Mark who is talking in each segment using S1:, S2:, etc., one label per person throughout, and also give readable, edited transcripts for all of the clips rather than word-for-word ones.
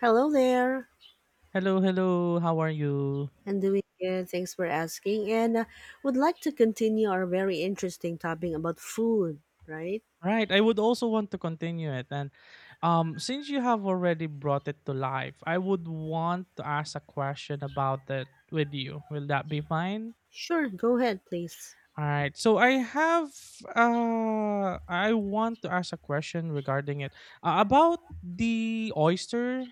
S1: Hello there.
S2: Hello, hello. How are you?
S1: I'm doing good. Thanks for asking. And Would like to continue our very interesting topic about food, right?
S2: Right, I would also want to continue it. And Since you have already brought it to life, I would want to ask a question about it with you. Will that be fine?
S1: Sure, go ahead, please.
S2: All right. So I have I want to ask a question regarding it. About the oyster,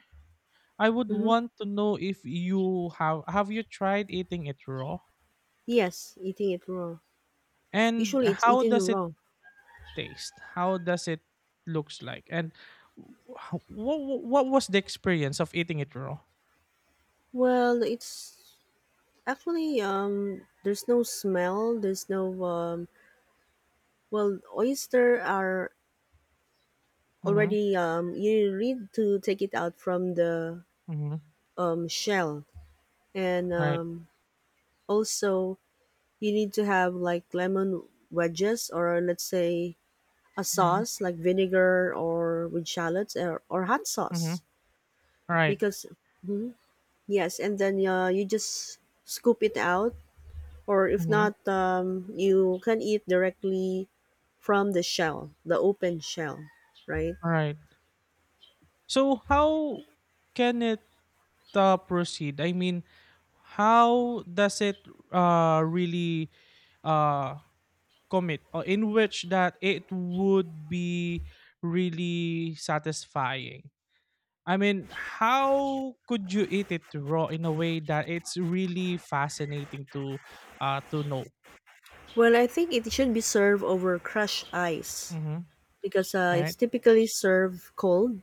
S2: I would
S1: Mm-hmm.
S2: want to know if you have you tried eating it raw?
S1: Yes, eating it raw.
S2: And
S1: Usually it's
S2: how
S1: eaten
S2: does it
S1: raw.
S2: taste? How does it looks like? And what was the experience of eating it raw?
S1: Well, it's actually there's no smell, there's no well, oyster are
S2: Mhm,
S1: already you need to take it out from the
S2: mhm.
S1: shell and
S2: Right.
S1: um also you need to have like lemon wedges, or let's say a
S2: Mhm,
S1: sauce like vinegar or with shallots or hot
S2: mhm.
S1: sauce
S2: Right.
S1: because Mhm. Yes, and then you just scoop it out, or if
S2: Mhm.
S1: not, you can eat directly from the shell, the open shell, right?
S2: Alright. So how can it proceed? I mean, how does it really uh commit or in which that it would be really satisfying. I mean, how could you eat it raw in a way that it's really fascinating to know.
S1: Well, I think it should be served over crushed ice
S2: Mm-hmm.
S1: because it's
S2: Right.
S1: typically served cold.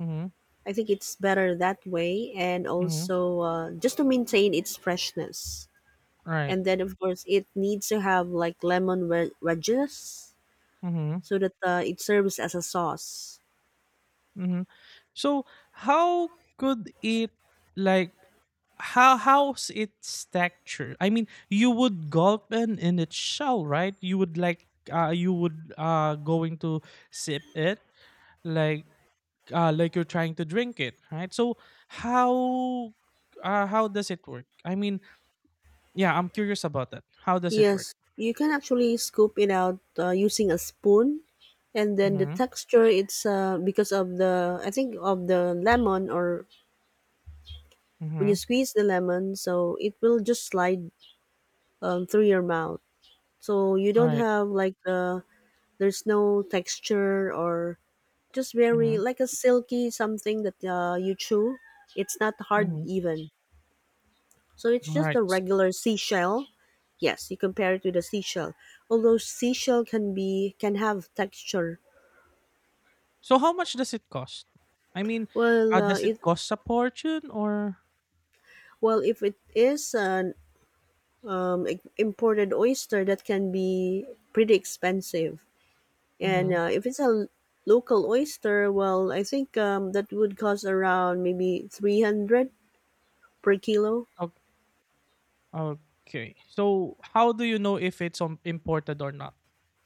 S2: Mm-hmm.
S1: I think it's better that way, and
S2: Mm-hmm.
S1: also just to maintain its freshness.
S2: Right.
S1: And then, of course, it needs to have like lemon wedges, so that it serves as a sauce.
S2: Mhm. So how could it like how how's its texture? I mean, you would gulp in its shell, right? You would like you would going to sip it like like you're trying to drink it, right? So how how does it work? I mean, yeah, I'm curious about that. How does it work?
S1: Yes, you can actually scoop it out, using a spoon, and then the
S2: Mhm.
S1: texture it's because of the, I think of the lemon, or when you
S2: Mhm.
S1: squeeze the lemon, so it will just slide through your mouth. So you
S2: All
S1: don't
S2: right.
S1: have like the there's no texture or just very
S2: Mhm.
S1: like a silky something that you chew. It's not hard
S2: Mhm.
S1: even. So it's
S2: All
S1: just
S2: right.
S1: a regular seashell. Yes, you compare it to the seashell. Although seashell can have texture.
S2: So how much does it cost? I mean,
S1: Well, uh,
S2: does it
S1: it
S2: cost a fortune or...
S1: well, if it is an imported oyster, that can be pretty expensive. And
S2: Mhm.
S1: if it's a local oyster, well, I think that would cost around maybe 300 per kilo.
S2: O- Okay. So how do you know if it's imported or not?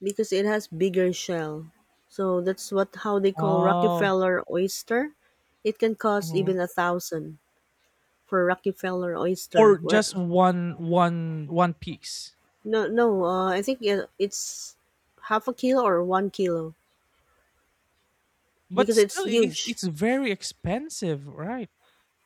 S1: Because it has bigger shell. So that's what how they call
S2: Oh.
S1: Rockefeller oyster. It can cost
S2: Mhm.
S1: even a thousand for Rockefeller oyster.
S2: Or just
S1: Where
S2: one piece.
S1: no no, I think it's half a kilo or 1 kilo
S2: But
S1: because it's
S2: still it's
S1: huge.
S2: very expensive, right?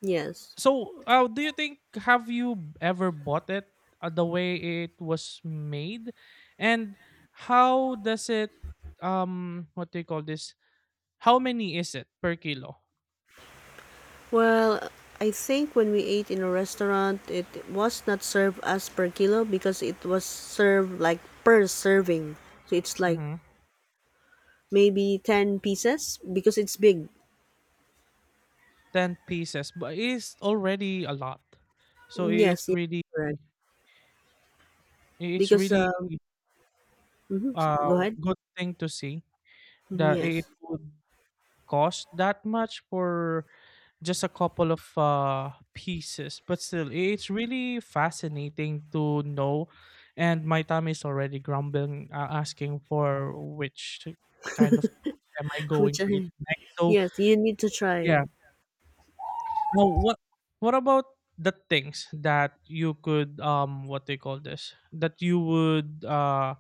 S1: Yes.
S2: So do you think have you ever bought it the way it was made? And how does it what do you call this? How many is it per kilo?
S1: Well, I think when we ate in a restaurant, it was not served as per kilo because it was served like per serving. So it's like
S2: Mhm.
S1: maybe 10 pieces because it's big.
S2: 10 pieces, but it's already a lot. So it's
S1: Yes,
S2: really,
S1: correct.
S2: it's
S1: Because,
S2: really...
S1: mhm, go
S2: uh
S1: ahead.
S2: Good thing to see
S1: Mhm.
S2: that it
S1: Yes.
S2: would cost that much for just a couple of pieces, but still, it's really fascinating to know. And my tummy is already grumbling, asking for which kind of food am I
S1: Which
S2: going to eat
S1: I
S2: next. So
S1: yes, you need to try.
S2: yeah, now what about the things that you could what they call this that you would uh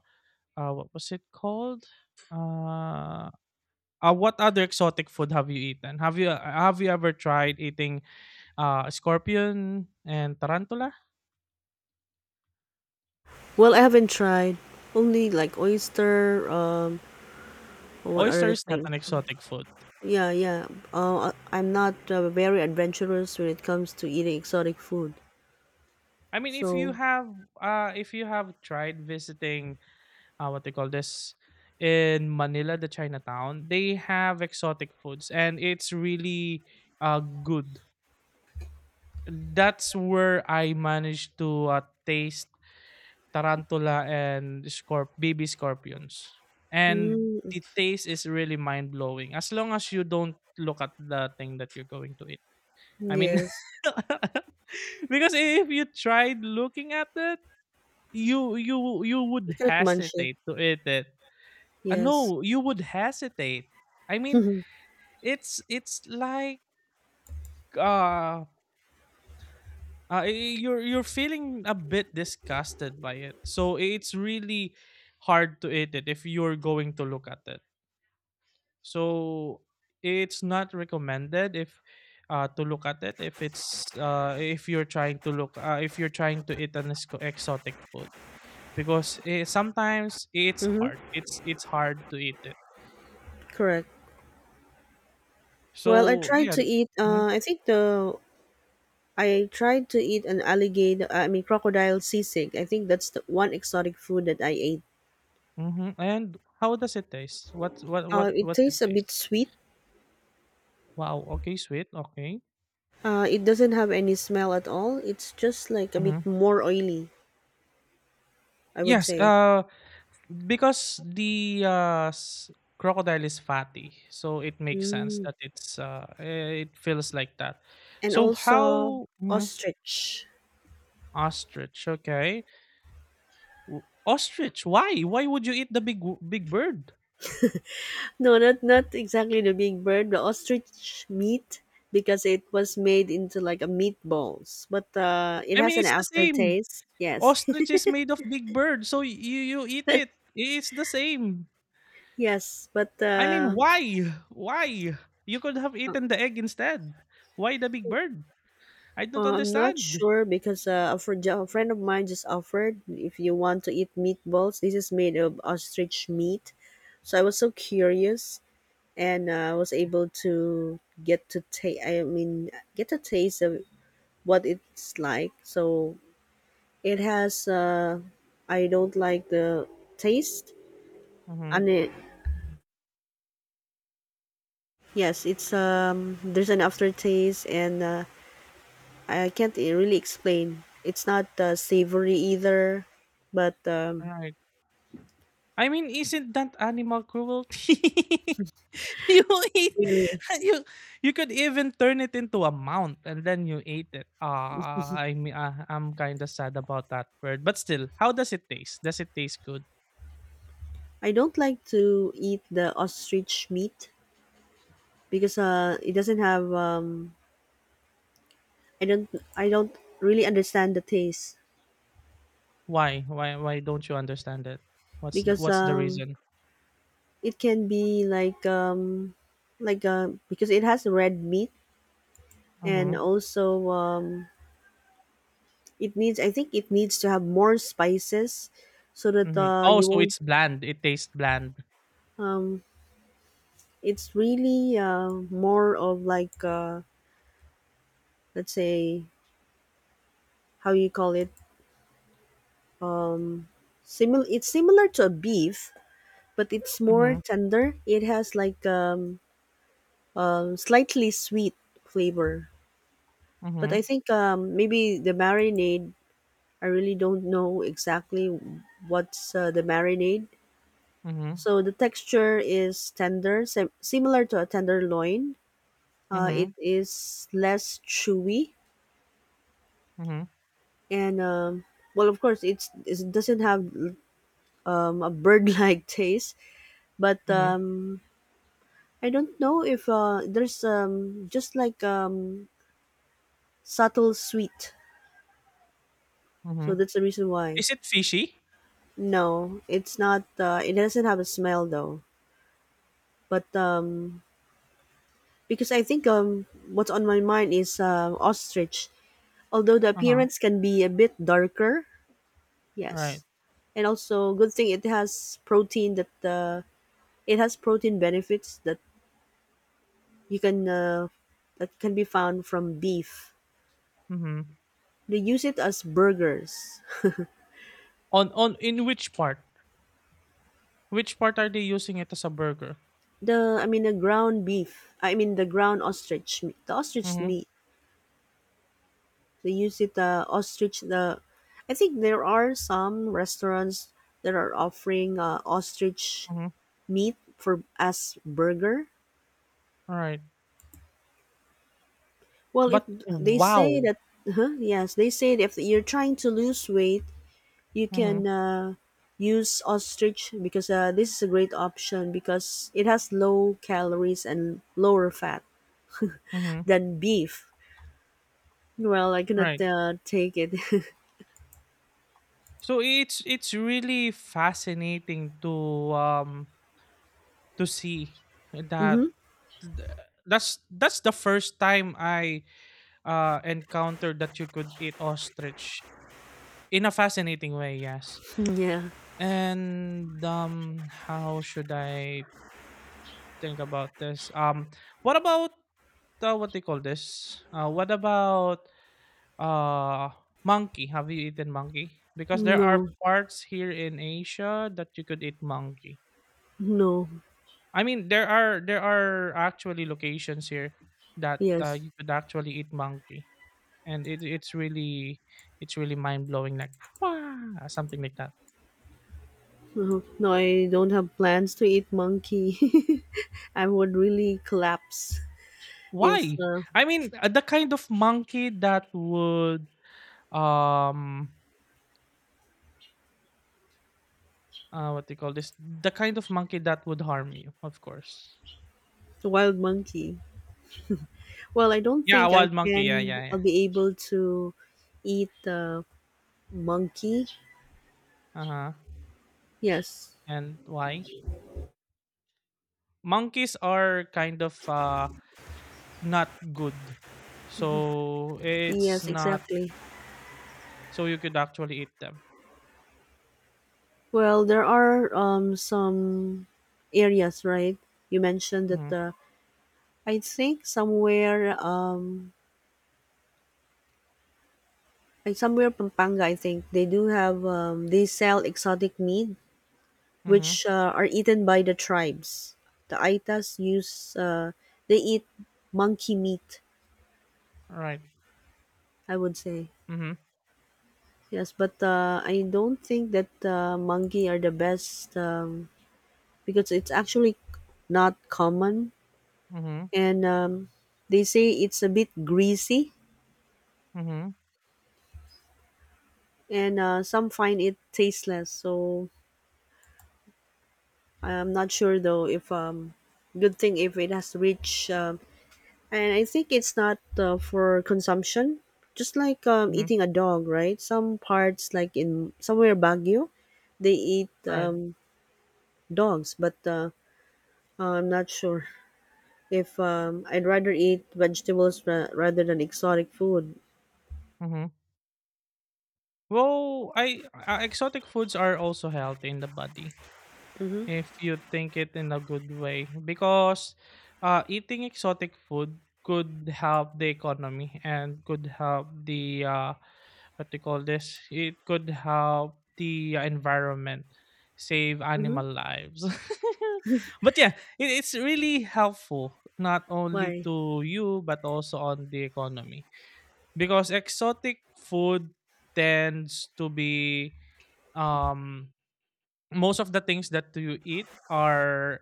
S2: uh what was it called, uh what other exotic food have you eaten, have you ever tried eating. Scorpion and tarantula.
S1: Well, I haven't tried. Only like oyster, what
S2: Oyster
S1: other
S2: is not
S1: things?
S2: an exotic food.
S1: Yeah. I'm not very adventurous when it comes to eating exotic food.
S2: I mean,
S1: So,
S2: if you have tried visiting, what they call this, in Manila, the Chinatown, they have exotic foods, and it's really, good. That's where I managed to taste tarantula and scorp baby scorpions. And
S1: mm,
S2: the taste is really mind blowing as long as you don't look at the thing that you're going to eat. I mean,
S1: yes,
S2: because if you tried looking at it, you
S1: you
S2: would
S1: cannot munch it.
S2: hesitate to eat it.
S1: Yes.
S2: No, you would hesitate. I mean, it's it's like uh you're feeling a bit disgusted by it. So it's really hard to eat it if you're going to look at it. So it's not recommended if to look at it if it's if you're trying to look if you're trying to eat an exotic food because sometimes it's
S1: Mm-hmm.
S2: hard. It's hard to eat it.
S1: Correct. Well, I
S2: So
S1: tried
S2: yeah.
S1: to eat.
S2: Mhm,
S1: I think the I tried to eat an alligator, I mean crocodile sisig. I think that's the one exotic food that I ate.
S2: mhm. And how does it taste? What what what
S1: It
S2: what's it
S1: tastes a bit
S2: taste?
S1: sweet.
S2: Wow. Okay. Sweet. Okay.
S1: It doesn't have any smell at all. It's just like a bit
S2: Mm-hmm.
S1: more oily, I would
S2: Yes,
S1: say.
S2: because the crocodile is fatty, so it makes sense
S1: Mm.
S2: that it's eh, it feels like that.
S1: And
S2: So
S1: also
S2: how... Mhm,
S1: ostrich.
S2: ostrich? Okay, ostrich. Why? Why would you eat the big big bird?
S1: No, not exactly the big bird, the ostrich meat because it was made into like a meatballs, but it
S2: I
S1: has
S2: mean,
S1: an
S2: it's the same.
S1: aftertaste. Yes,
S2: Ostrich is made of big bird, so you eat it. It's the same.
S1: yes, but
S2: I mean, why? Why? You could have
S1: uh,
S2: eaten the egg instead. Why the big bird? I don't
S1: I'm not
S2: understand.
S1: sure because a friend of mine just offered if you want to eat meatballs. This is made of ostrich meat, so I was so curious and I was able to get to taste. I mean, get a taste of what it's like. So it has. I don't like the taste, and
S2: Mhm,
S1: it yes, it's there's an aftertaste, and I can't really explain. It's not savory either, but
S2: right. I mean, isn't that animal cruelty? You eat...
S1: really.
S2: you you could even turn it into a mount and then you ate it. Ah, I mean, ah, I'm kinda sad about that bird, but still, how does it taste? Does it taste good?
S1: I don't like to eat the ostrich meat because it doesn't have I don't I don't really understand the taste
S2: Why? Why don't you understand it? What's the
S1: because
S2: reason?
S1: it can be like because it has red meat and
S2: Mhm.
S1: also it needs, I think it needs to have more spices so that
S2: Mhm. Oh,
S1: you
S2: so
S1: won't
S2: it's bland. It tastes bland.
S1: um it's really more of like let's say, how you call it, similar it's similar to a beef, but it's more
S2: Mhm.
S1: tender. It has like slightly sweet flavor. But I
S2: Mhm.
S1: think maybe the marinade. I really don't know exactly what's the marinade.
S2: Mhm.
S1: So the texture is tender, similar to a tenderloin. It
S2: Mhm.
S1: is less chewy
S2: Mhm.
S1: and well, of course, it doesn't have a bird-like taste, but
S2: Mhm.
S1: I don't know if there's just like subtle sweet. So
S2: Mhm.
S1: that's the reason why.
S2: Is it fishy?
S1: No, it's not. It doesn't have a smell though. But because I think what's on my mind is ostrich. Although the
S2: Uh-huh.
S1: appearance can be a bit darker,
S2: Right.
S1: yes, and also good thing it has protein that it has protein benefits that you can that can be found from beef.
S2: Mhm.
S1: They use it as burgers.
S2: On in which part? Which part are they using it as a burger?
S1: The I mean the ground beef. I mean The ground ostrich. The ostrich
S2: Mhm.
S1: meat. They use it the ostrich. The I think there are some restaurants that are offering ostrich
S2: Mhm.
S1: meat for as burger.
S2: Right.
S1: Well, if
S2: But
S1: they say
S2: wow.
S1: that, huh, yes, they say that if you're trying to lose weight, you
S2: Mhm.
S1: can use ostrich because this is a great option because it has low calories and lower fat
S2: Mhm.
S1: than beef. Well, I cannot
S2: Right.
S1: take it.
S2: So it's really fascinating um to see
S1: Mm-hmm.
S2: that th- that's that's the first time I encountered that you could eat ostrich in a fascinating way, yes.
S1: Yeah.
S2: And how should I think about this? What about what they call this? What about uh monkey? Have you eaten monkey? Because there are
S1: No.
S2: parts here in Asia that you could eat monkey.
S1: No.
S2: I mean, there are actually locations here that
S1: Yes.
S2: you could actually eat monkey, and it's really, it's really mind blowing, like wow, something like that.
S1: Oh, no, I don't have plans to eat monkey. I would really collapse if
S2: Why? I mean, the kind of monkey that would um what do you call this? The kind of monkey that would harm you, of course.
S1: a wild monkey. Well, I don't
S2: Yeah,
S1: think I
S2: wild monkey. Yeah,
S1: can.
S2: yeah, yeah.
S1: I'll be able to eat monkey.
S2: Uh huh.
S1: Yes,
S2: And why? Monkeys are kind of not good, so it's
S1: yes,
S2: not...
S1: exactly.
S2: So you could actually eat them.
S1: Well, there are some areas, right? You mentioned that
S2: Mhm,
S1: I think somewhere like somewhere Pampanga, I think they do have they sell exotic meat which
S2: mhm,
S1: are eaten by the tribes. The Aitas use they eat monkey meat,
S2: right.
S1: I would say.
S2: Mhm,
S1: Yes, but I don't think that monkey are the best because it's actually not common,
S2: mhm,
S1: and they say it's a bit greasy,
S2: mhm,
S1: and some find it tasteless. So I'm not sure though if good thing if it has reached and I think it's not for consumption, just like
S2: mhm,
S1: eating a dog, right? Some parts, like in somewhere Baguio, they eat
S2: right.
S1: dogs, but I'm not sure if I'd rather eat vegetables rather than exotic food.
S2: Mhm. Well, I exotic foods are also healthy in the body.
S1: Mm-hmm.
S2: If you think it in a good way because eating exotic food could help the economy and could help the what do you call this, it could help the environment, save
S1: Mm-hmm.
S2: animal lives. But yeah, it's really helpful not only
S1: Why?
S2: to you but also on the economy, because exotic food tends to be um most of the things that you eat are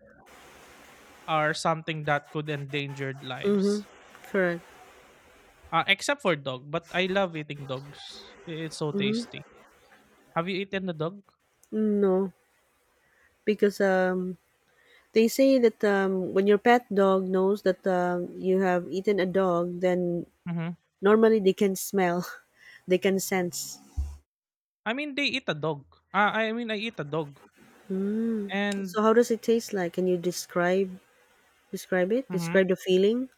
S2: something that could endanger
S1: Mm-hmm.
S2: lives.
S1: Correct.
S2: Except for dog, but I love eating dogs. It's so
S1: Mm-hmm.
S2: tasty. Have you eaten the dog?
S1: No, because they say that when your pet dog knows that you have eaten a dog, then
S2: Mm-hmm.
S1: normally they can smell, they can sense.
S2: I mean, they eat a dog. I mean, I eat a dog. And...
S1: So how does it taste like? Can you describe, describe it?
S2: Mhm,
S1: Describe the feeling?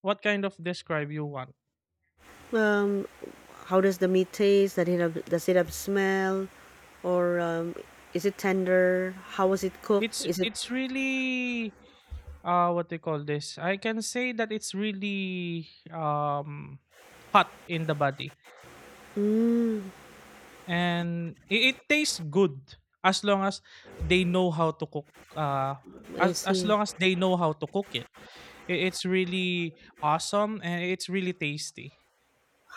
S2: what kind of describe you want?
S1: Um, how does the meat taste? Does it have smell or is it tender? How was it cooked?
S2: It's
S1: Is it?
S2: really what they call this. I can say that it's really hot in the body.
S1: Mm,
S2: And it tastes good as long as they know how to cook, uh
S1: I
S2: as
S1: see.
S2: long as they know how to cook it. It it's really awesome and it's really tasty,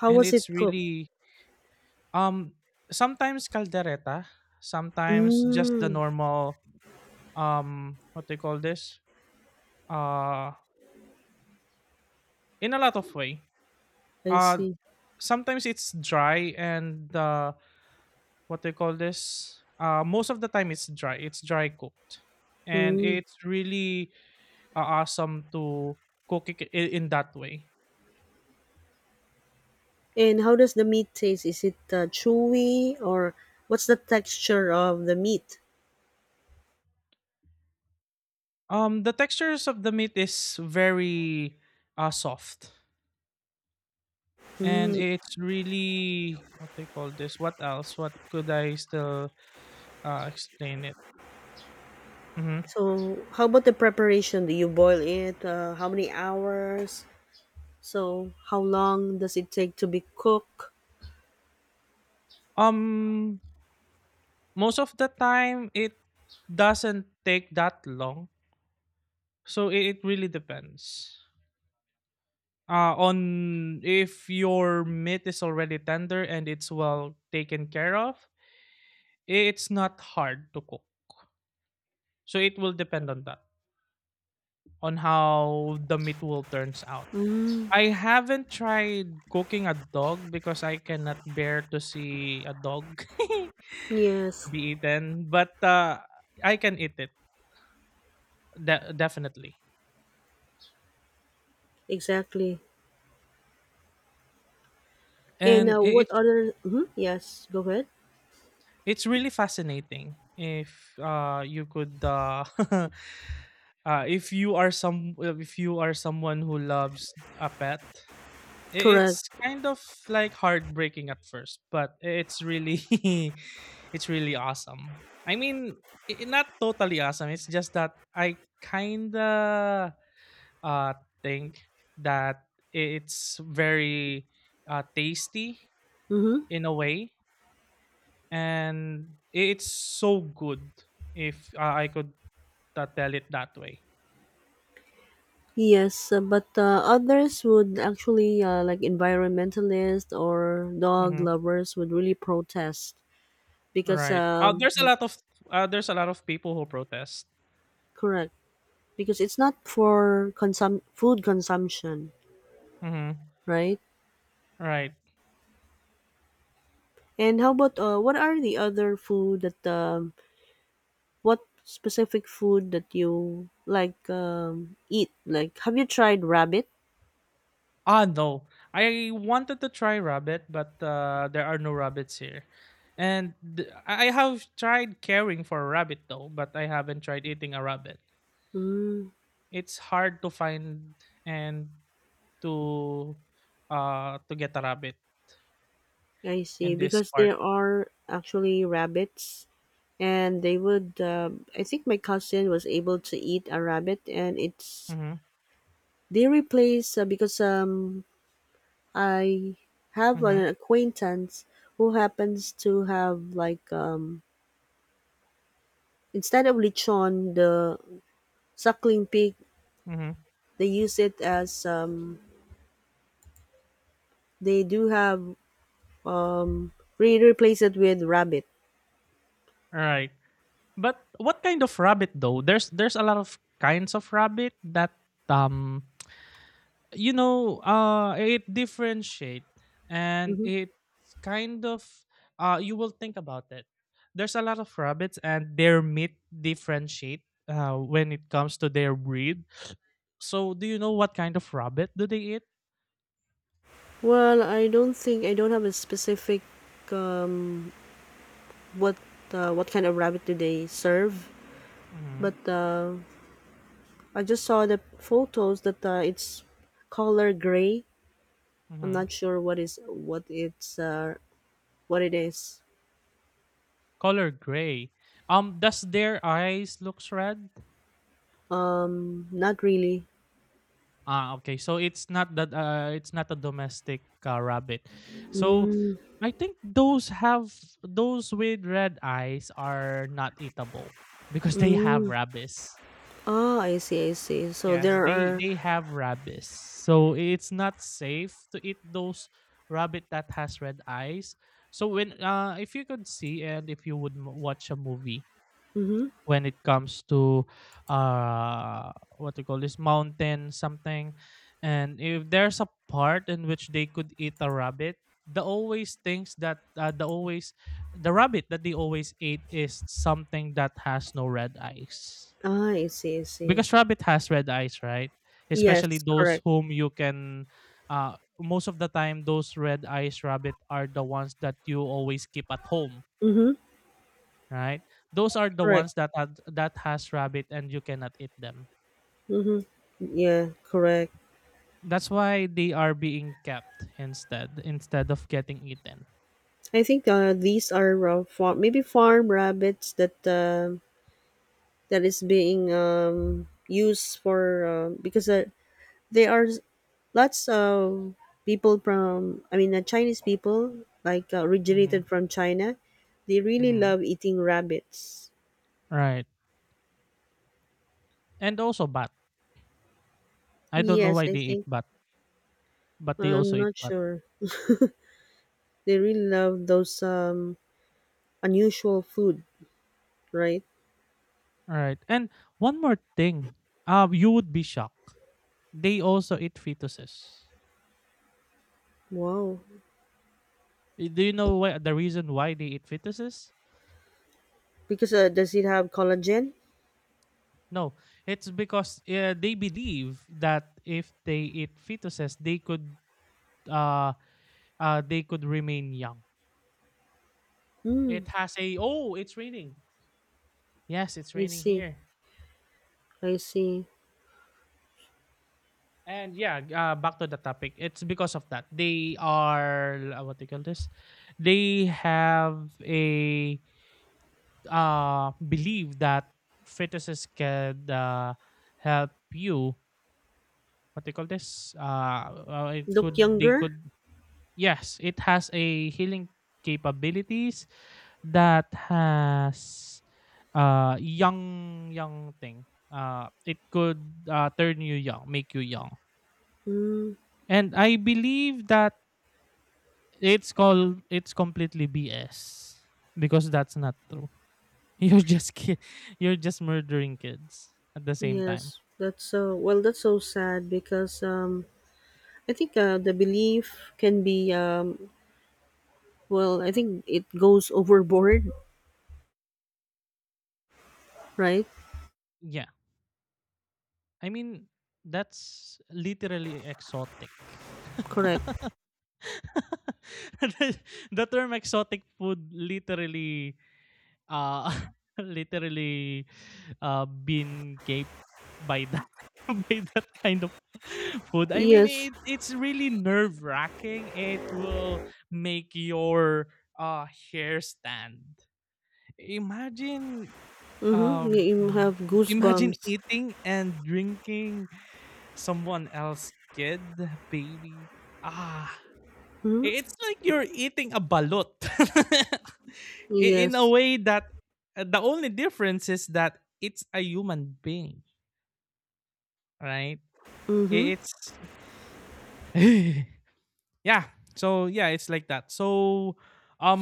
S1: How
S2: and
S1: was it
S2: it's
S1: cooked?
S2: really um sometimes caldereta, sometimes just the
S1: Mm,
S2: normal, what they call this, uh in a lot of way,
S1: I
S2: uh
S1: see.
S2: sometimes it's dry and the what do you call this? Most of the time it's dry. It's dry cooked, and
S1: Mm.
S2: it's really awesome to cook it in that way.
S1: And how does the meat taste? Is it chewy, or what's the texture of the meat?
S2: The textures of the meat is very soft, and
S1: Mm.
S2: it's really what do you call this? What else? What could I still explain it? Hmm.
S1: So, how about the preparation? Do you boil it? How many hours? So, how long does it take to be cooked?
S2: Um, most of the time it doesn't take that long, so it really depends. Uh, on if your meat is already tender and it's well taken care of, it's not hard to cook. So it will depend on that, on how the meat will turns out.
S1: Mm,
S2: I haven't tried cooking a dog because I cannot bear to see a dog to
S1: yes,
S2: be eaten, but I can eat it definitely.
S1: exactly. And
S2: And
S1: what other? Mhm, yes, go ahead.
S2: it's really fascinating if you could uh, if you are some if you are someone who loves a pet,
S1: Correct.
S2: it's kind of like heartbreaking at first, but it's really it's really awesome. I mean, not totally awesome. It's just that I kind of uh think that it's very tasty
S1: Mm-hmm.
S2: in a way, and it's so good if I could tell it that way.
S1: Yes, but others would actually, like environmentalists or dog
S2: Mm-hmm.
S1: lovers, would really protest because,
S2: Right. There's a lot of people who protest.
S1: correct, because it's not for food consumption,
S2: Hmm.
S1: right?
S2: Right.
S1: And how about what are the other food that what specific food that you like eat? Like, have you tried rabbit?
S2: Ah, no. I wanted to try rabbit, but there are no rabbits here. And I have tried caring for a rabbit though, but I haven't tried eating a rabbit.
S1: Mm,
S2: It's hard to find and to to get a rabbit
S1: I see.
S2: in this
S1: Because
S2: part.
S1: there are actually rabbits, and they would. I think my cousin was able to eat a rabbit, and it's
S2: Mm-hmm.
S1: they replace because I have an
S2: Mm-hmm.
S1: acquaintance who happens to have like instead of lechon, the suckling pig,
S2: Mm-hmm.
S1: they use it as they do have um, re replace it with rabbit.
S2: All right. But what kind of rabbit though? There's a lot of kinds of rabbit that um you know it differentiate, and
S1: Hmm.
S2: it's kind of you will think about it, there's a lot of rabbits and their meat differentiate when it comes to their breed, so do you know what kind of rabbit do they eat?
S1: Well, I don't have a specific um, what what kind of rabbit do they serve,
S2: Mm-hmm,
S1: but I just saw the photos that it's color gray. I'm
S2: mm-hmm.
S1: not sure what is what it's what it is.
S2: Color gray. Um does their eyes looks red?
S1: Not really.
S2: Ah, okay. So it's not that it's not a domestic rabbit. So
S1: Mm,
S2: I think those have those with red eyes are not eatable because they have
S1: mm.
S2: rabies.
S1: Ah, I see, I see. So
S2: Yes,
S1: there
S2: they
S1: are.
S2: have rabies. So it's not safe to eat those rabbit that has red eyes. So when if you could see and if you would watch a movie
S1: Mm-hmm.
S2: when it comes to uh what you call this, mountain something, and if there's a part in which they could eat a rabbit, the always thinks that the rabbit that they always ate is something that has no red eyes,
S1: Ah, I see, I see.
S2: because rabbit has red eyes, right?
S1: Yes,
S2: Especially those
S1: correct.
S2: whom you can, uh most of the time those red eyes rabbit are the ones that you always keep at home,
S1: Mm-hmm.
S2: right? Those are the
S1: Correct.
S2: ones that has rabbit and you cannot eat them.
S1: Mm-hmm. Yeah, correct.
S2: That's why they are being kept instead of getting eaten.
S1: I think these are farm rabbits that that is being used for because there are lots of people from, I mean, Chinese people, like
S2: Hmm.
S1: originated from China. They really
S2: Hmm.
S1: love eating rabbits.
S2: Right. And also bat. I don't know
S1: Yes,
S2: why
S1: I
S2: they eat
S1: think
S2: bat, but they
S1: I'm
S2: also eat
S1: not
S2: bat.
S1: sure. They really love those unusual food, right?
S2: All right. And one more thing. You would be shocked. They also eat fetuses.
S1: Wow.
S2: Do you know why the reason why they eat fetuses?
S1: Because does it have collagen?
S2: No, it's because they believe that if they eat fetuses, uh, they could remain young.
S1: Mm,
S2: It has a— oh, it's raining. Yes, it's
S1: I
S2: raining
S1: see.
S2: here.
S1: I see.
S2: And yeah, back to the topic. It's because of that they are, what do you call this? They have a belief that fetuses can, help you— what they call this it
S1: Look
S2: could, they
S1: younger.
S2: could— yes, it has a healing capabilities, that has young, young thing, it could turn you young, make you young.
S1: Mm,
S2: And I believe that it's called— it's completely BS, because that's not true. You're just you're just murdering kids at the same time.
S1: yes, that's so. Well, that's so sad because I think the belief can be well, I think it goes overboard, right?
S2: Yeah. I mean, that's literally exotic.
S1: Correct.
S2: the the term exotic food literally, uh literally, been gaped by that, by that kind of food. I mean,
S1: Yes.
S2: it's really nerve wracking. It will make your hair stand. Imagine—
S1: Mm-hmm.
S2: um
S1: You have
S2: imagine
S1: goosebumps.
S2: eating and drinking someone else kid, baby, ah,
S1: Mm-hmm.
S2: it's like you're eating a balut. In a
S1: Yes.
S2: way that, the only difference is that it's a human being, right? I-
S1: Mm-hmm.
S2: it's yeah, so yeah, it's like that. So,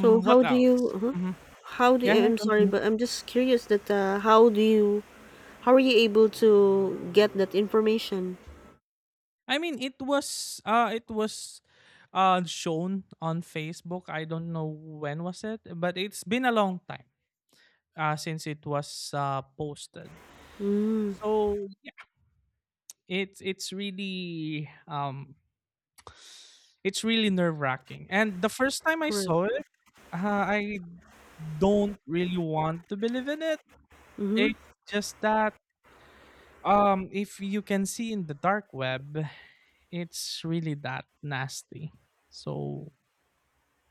S1: So how
S2: what
S1: do you?
S2: else. Mhm.
S1: How do
S2: Yeah, yeah,
S1: I'm sorry,
S2: continue.
S1: but I'm just curious that how are you able to get that information?
S2: I mean, it was shown on Facebook, I don't know when was it, but it's been a long time since it was, posted.
S1: Mm,
S2: So yeah, it's really, it's really nerve wracking. And the first time I
S1: correct.
S2: saw it, uh, I don't really want to believe in it.
S1: Mm-hmm.
S2: It's just that, if you can see in the dark web, it's really that nasty. So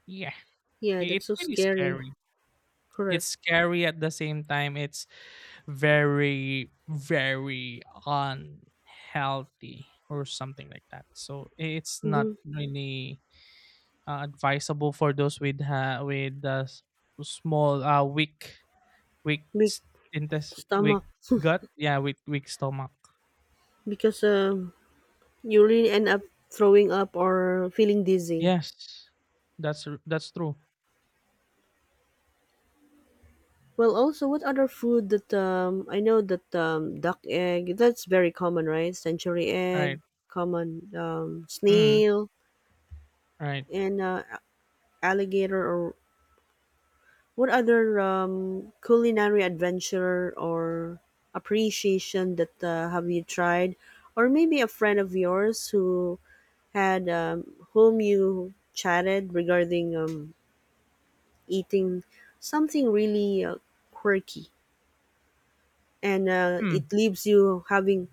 S2: yeah,
S1: Yeah, that's
S2: it's
S1: so
S2: really
S1: scary.
S2: scary. It's
S1: Correct.
S2: scary at the same time. It's very, very unhealthy or something like that. So it's not
S1: Mm-hmm.
S2: really advisable for those with with the small, weak, weak
S1: Big
S2: intest,
S1: stomach.
S2: weak gut. Yeah, weak, weak stomach.
S1: Because you really end up throwing up or feeling dizzy.
S2: Yes, that's that's true.
S1: Well, also, what other food that I know that duck egg, that's very common, right? Century egg,
S2: Right.
S1: common
S2: Mm,
S1: snail,
S2: right.
S1: and alligator, or what other culinary adventure or appreciation that have you tried, or maybe a friend of yours who had whom you chatted regarding eating something really quirky, and it
S2: Hmm.
S1: leaves you having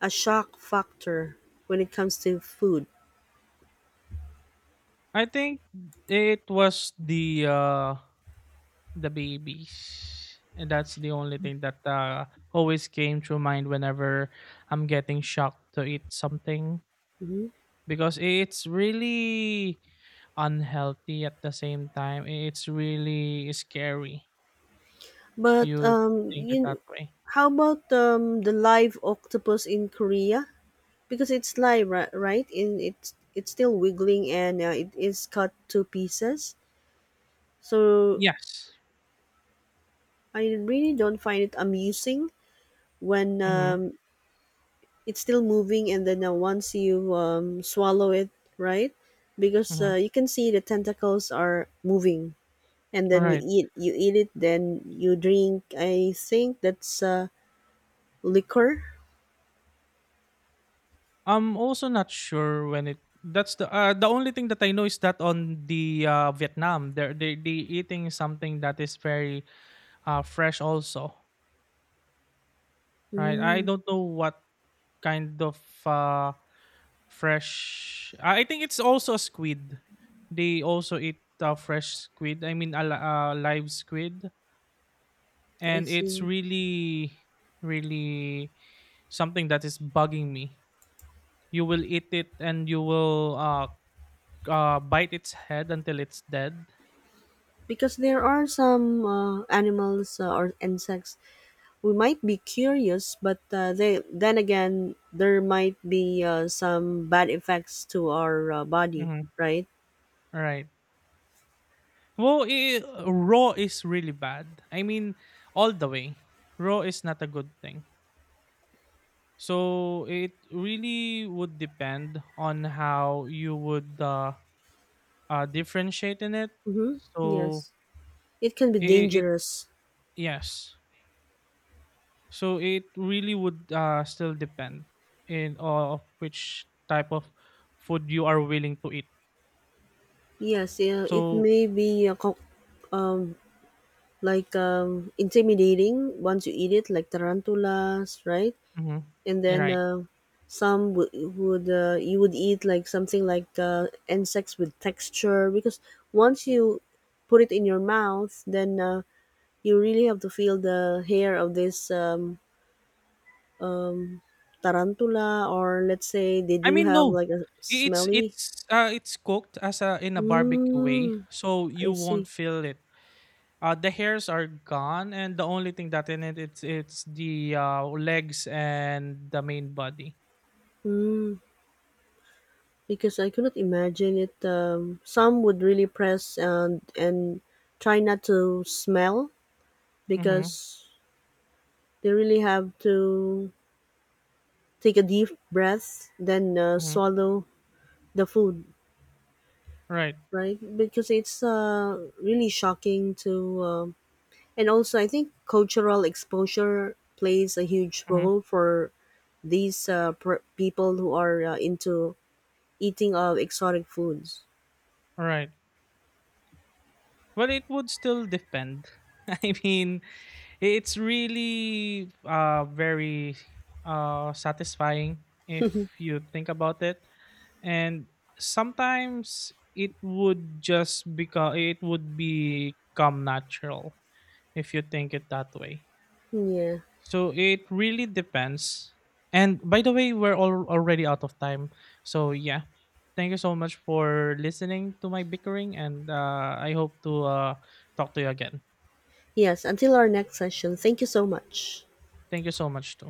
S1: a shock factor when it comes to food.
S2: I think it was the the babies. And that's the only thing that always came to mind whenever I'm getting shocked to eat something,
S1: Mhm.
S2: because it's really unhealthy at the same time. It's really scary if
S1: But
S2: you think it that way.
S1: how about the live octopus in Korea? Because it's live, right? And it's still wiggling and it is cut to pieces. So
S2: Yes.
S1: I really don't find it amusing when
S2: Mm-hmm.
S1: it's still moving, and then once you swallow it, right? Because
S2: Mm-hmm.
S1: you can see the tentacles are moving, and
S2: All
S1: then
S2: right.
S1: you eat it, then you drink, I think that's liquor.
S2: I'm also not sure when it— that's the only thing that I know is that on the, Vietnam, they're they eating something that is very, fresh also. Right. I
S1: Mm,
S2: don't know what kind of uh, fresh. I think it's also squid. They also eat fresh squid. I mean, a live squid,
S1: I
S2: and it's
S1: see.
S2: really, really something that is bugging me. You will eat it, and you will bite its head until it's dead.
S1: Because there are some animals or insects we might be curious, but they, then again, there might be some bad effects to our body,
S2: Mm-hmm.
S1: right?
S2: Right. Well, I raw is really bad. I mean, all the way. Raw is not a good thing. So it really would depend on how you would differentiate in it.
S1: Mm-hmm.
S2: So
S1: Yes, it can be
S2: it— it—
S1: dangerous.
S2: yes. So it really would, still depend in of which type of food you are willing to eat.
S1: Yes, yeah, it
S2: So,
S1: may be um, like intimidating once you eat it, like tarantulas, right?
S2: mhm,
S1: And
S2: you're
S1: then
S2: right.
S1: some would, you would eat like something like insects with texture, because once you put it in your mouth, then you really have to feel the hair of this tarantula, or let's say they
S2: I
S1: do
S2: mean,
S1: have
S2: no,
S1: like a
S2: it's
S1: smelly.
S2: it's cooked as a— in a barbecue way,
S1: Mm,
S2: so
S1: I
S2: you won't
S1: see.
S2: feel it. The hairs are gone, and the only thing that in it, it's the, legs and the main body.
S1: Mm, because I could not imagine it. Some would really press and try not to smell
S2: Mm-hmm,
S1: because they really have to take a deep breath, then
S2: mm-hmm,
S1: swallow the food,
S2: right.
S1: right? Because it's really shocking to and also, I think cultural exposure plays a huge
S2: Mm-hmm,
S1: role for these people who are into eating of exotic foods.
S2: right. Well, it would still depend. I mean, it's really, very, satisfying if you think about it. And sometimes it would become natural if you think it that way.
S1: Yeah.
S2: So it really depends. And by the way, we're all already out of time. So yeah, thank you so much for listening to my bickering, and I hope to talk to you again.
S1: Yes. Until our next session. Thank you so much.
S2: Thank you so much too.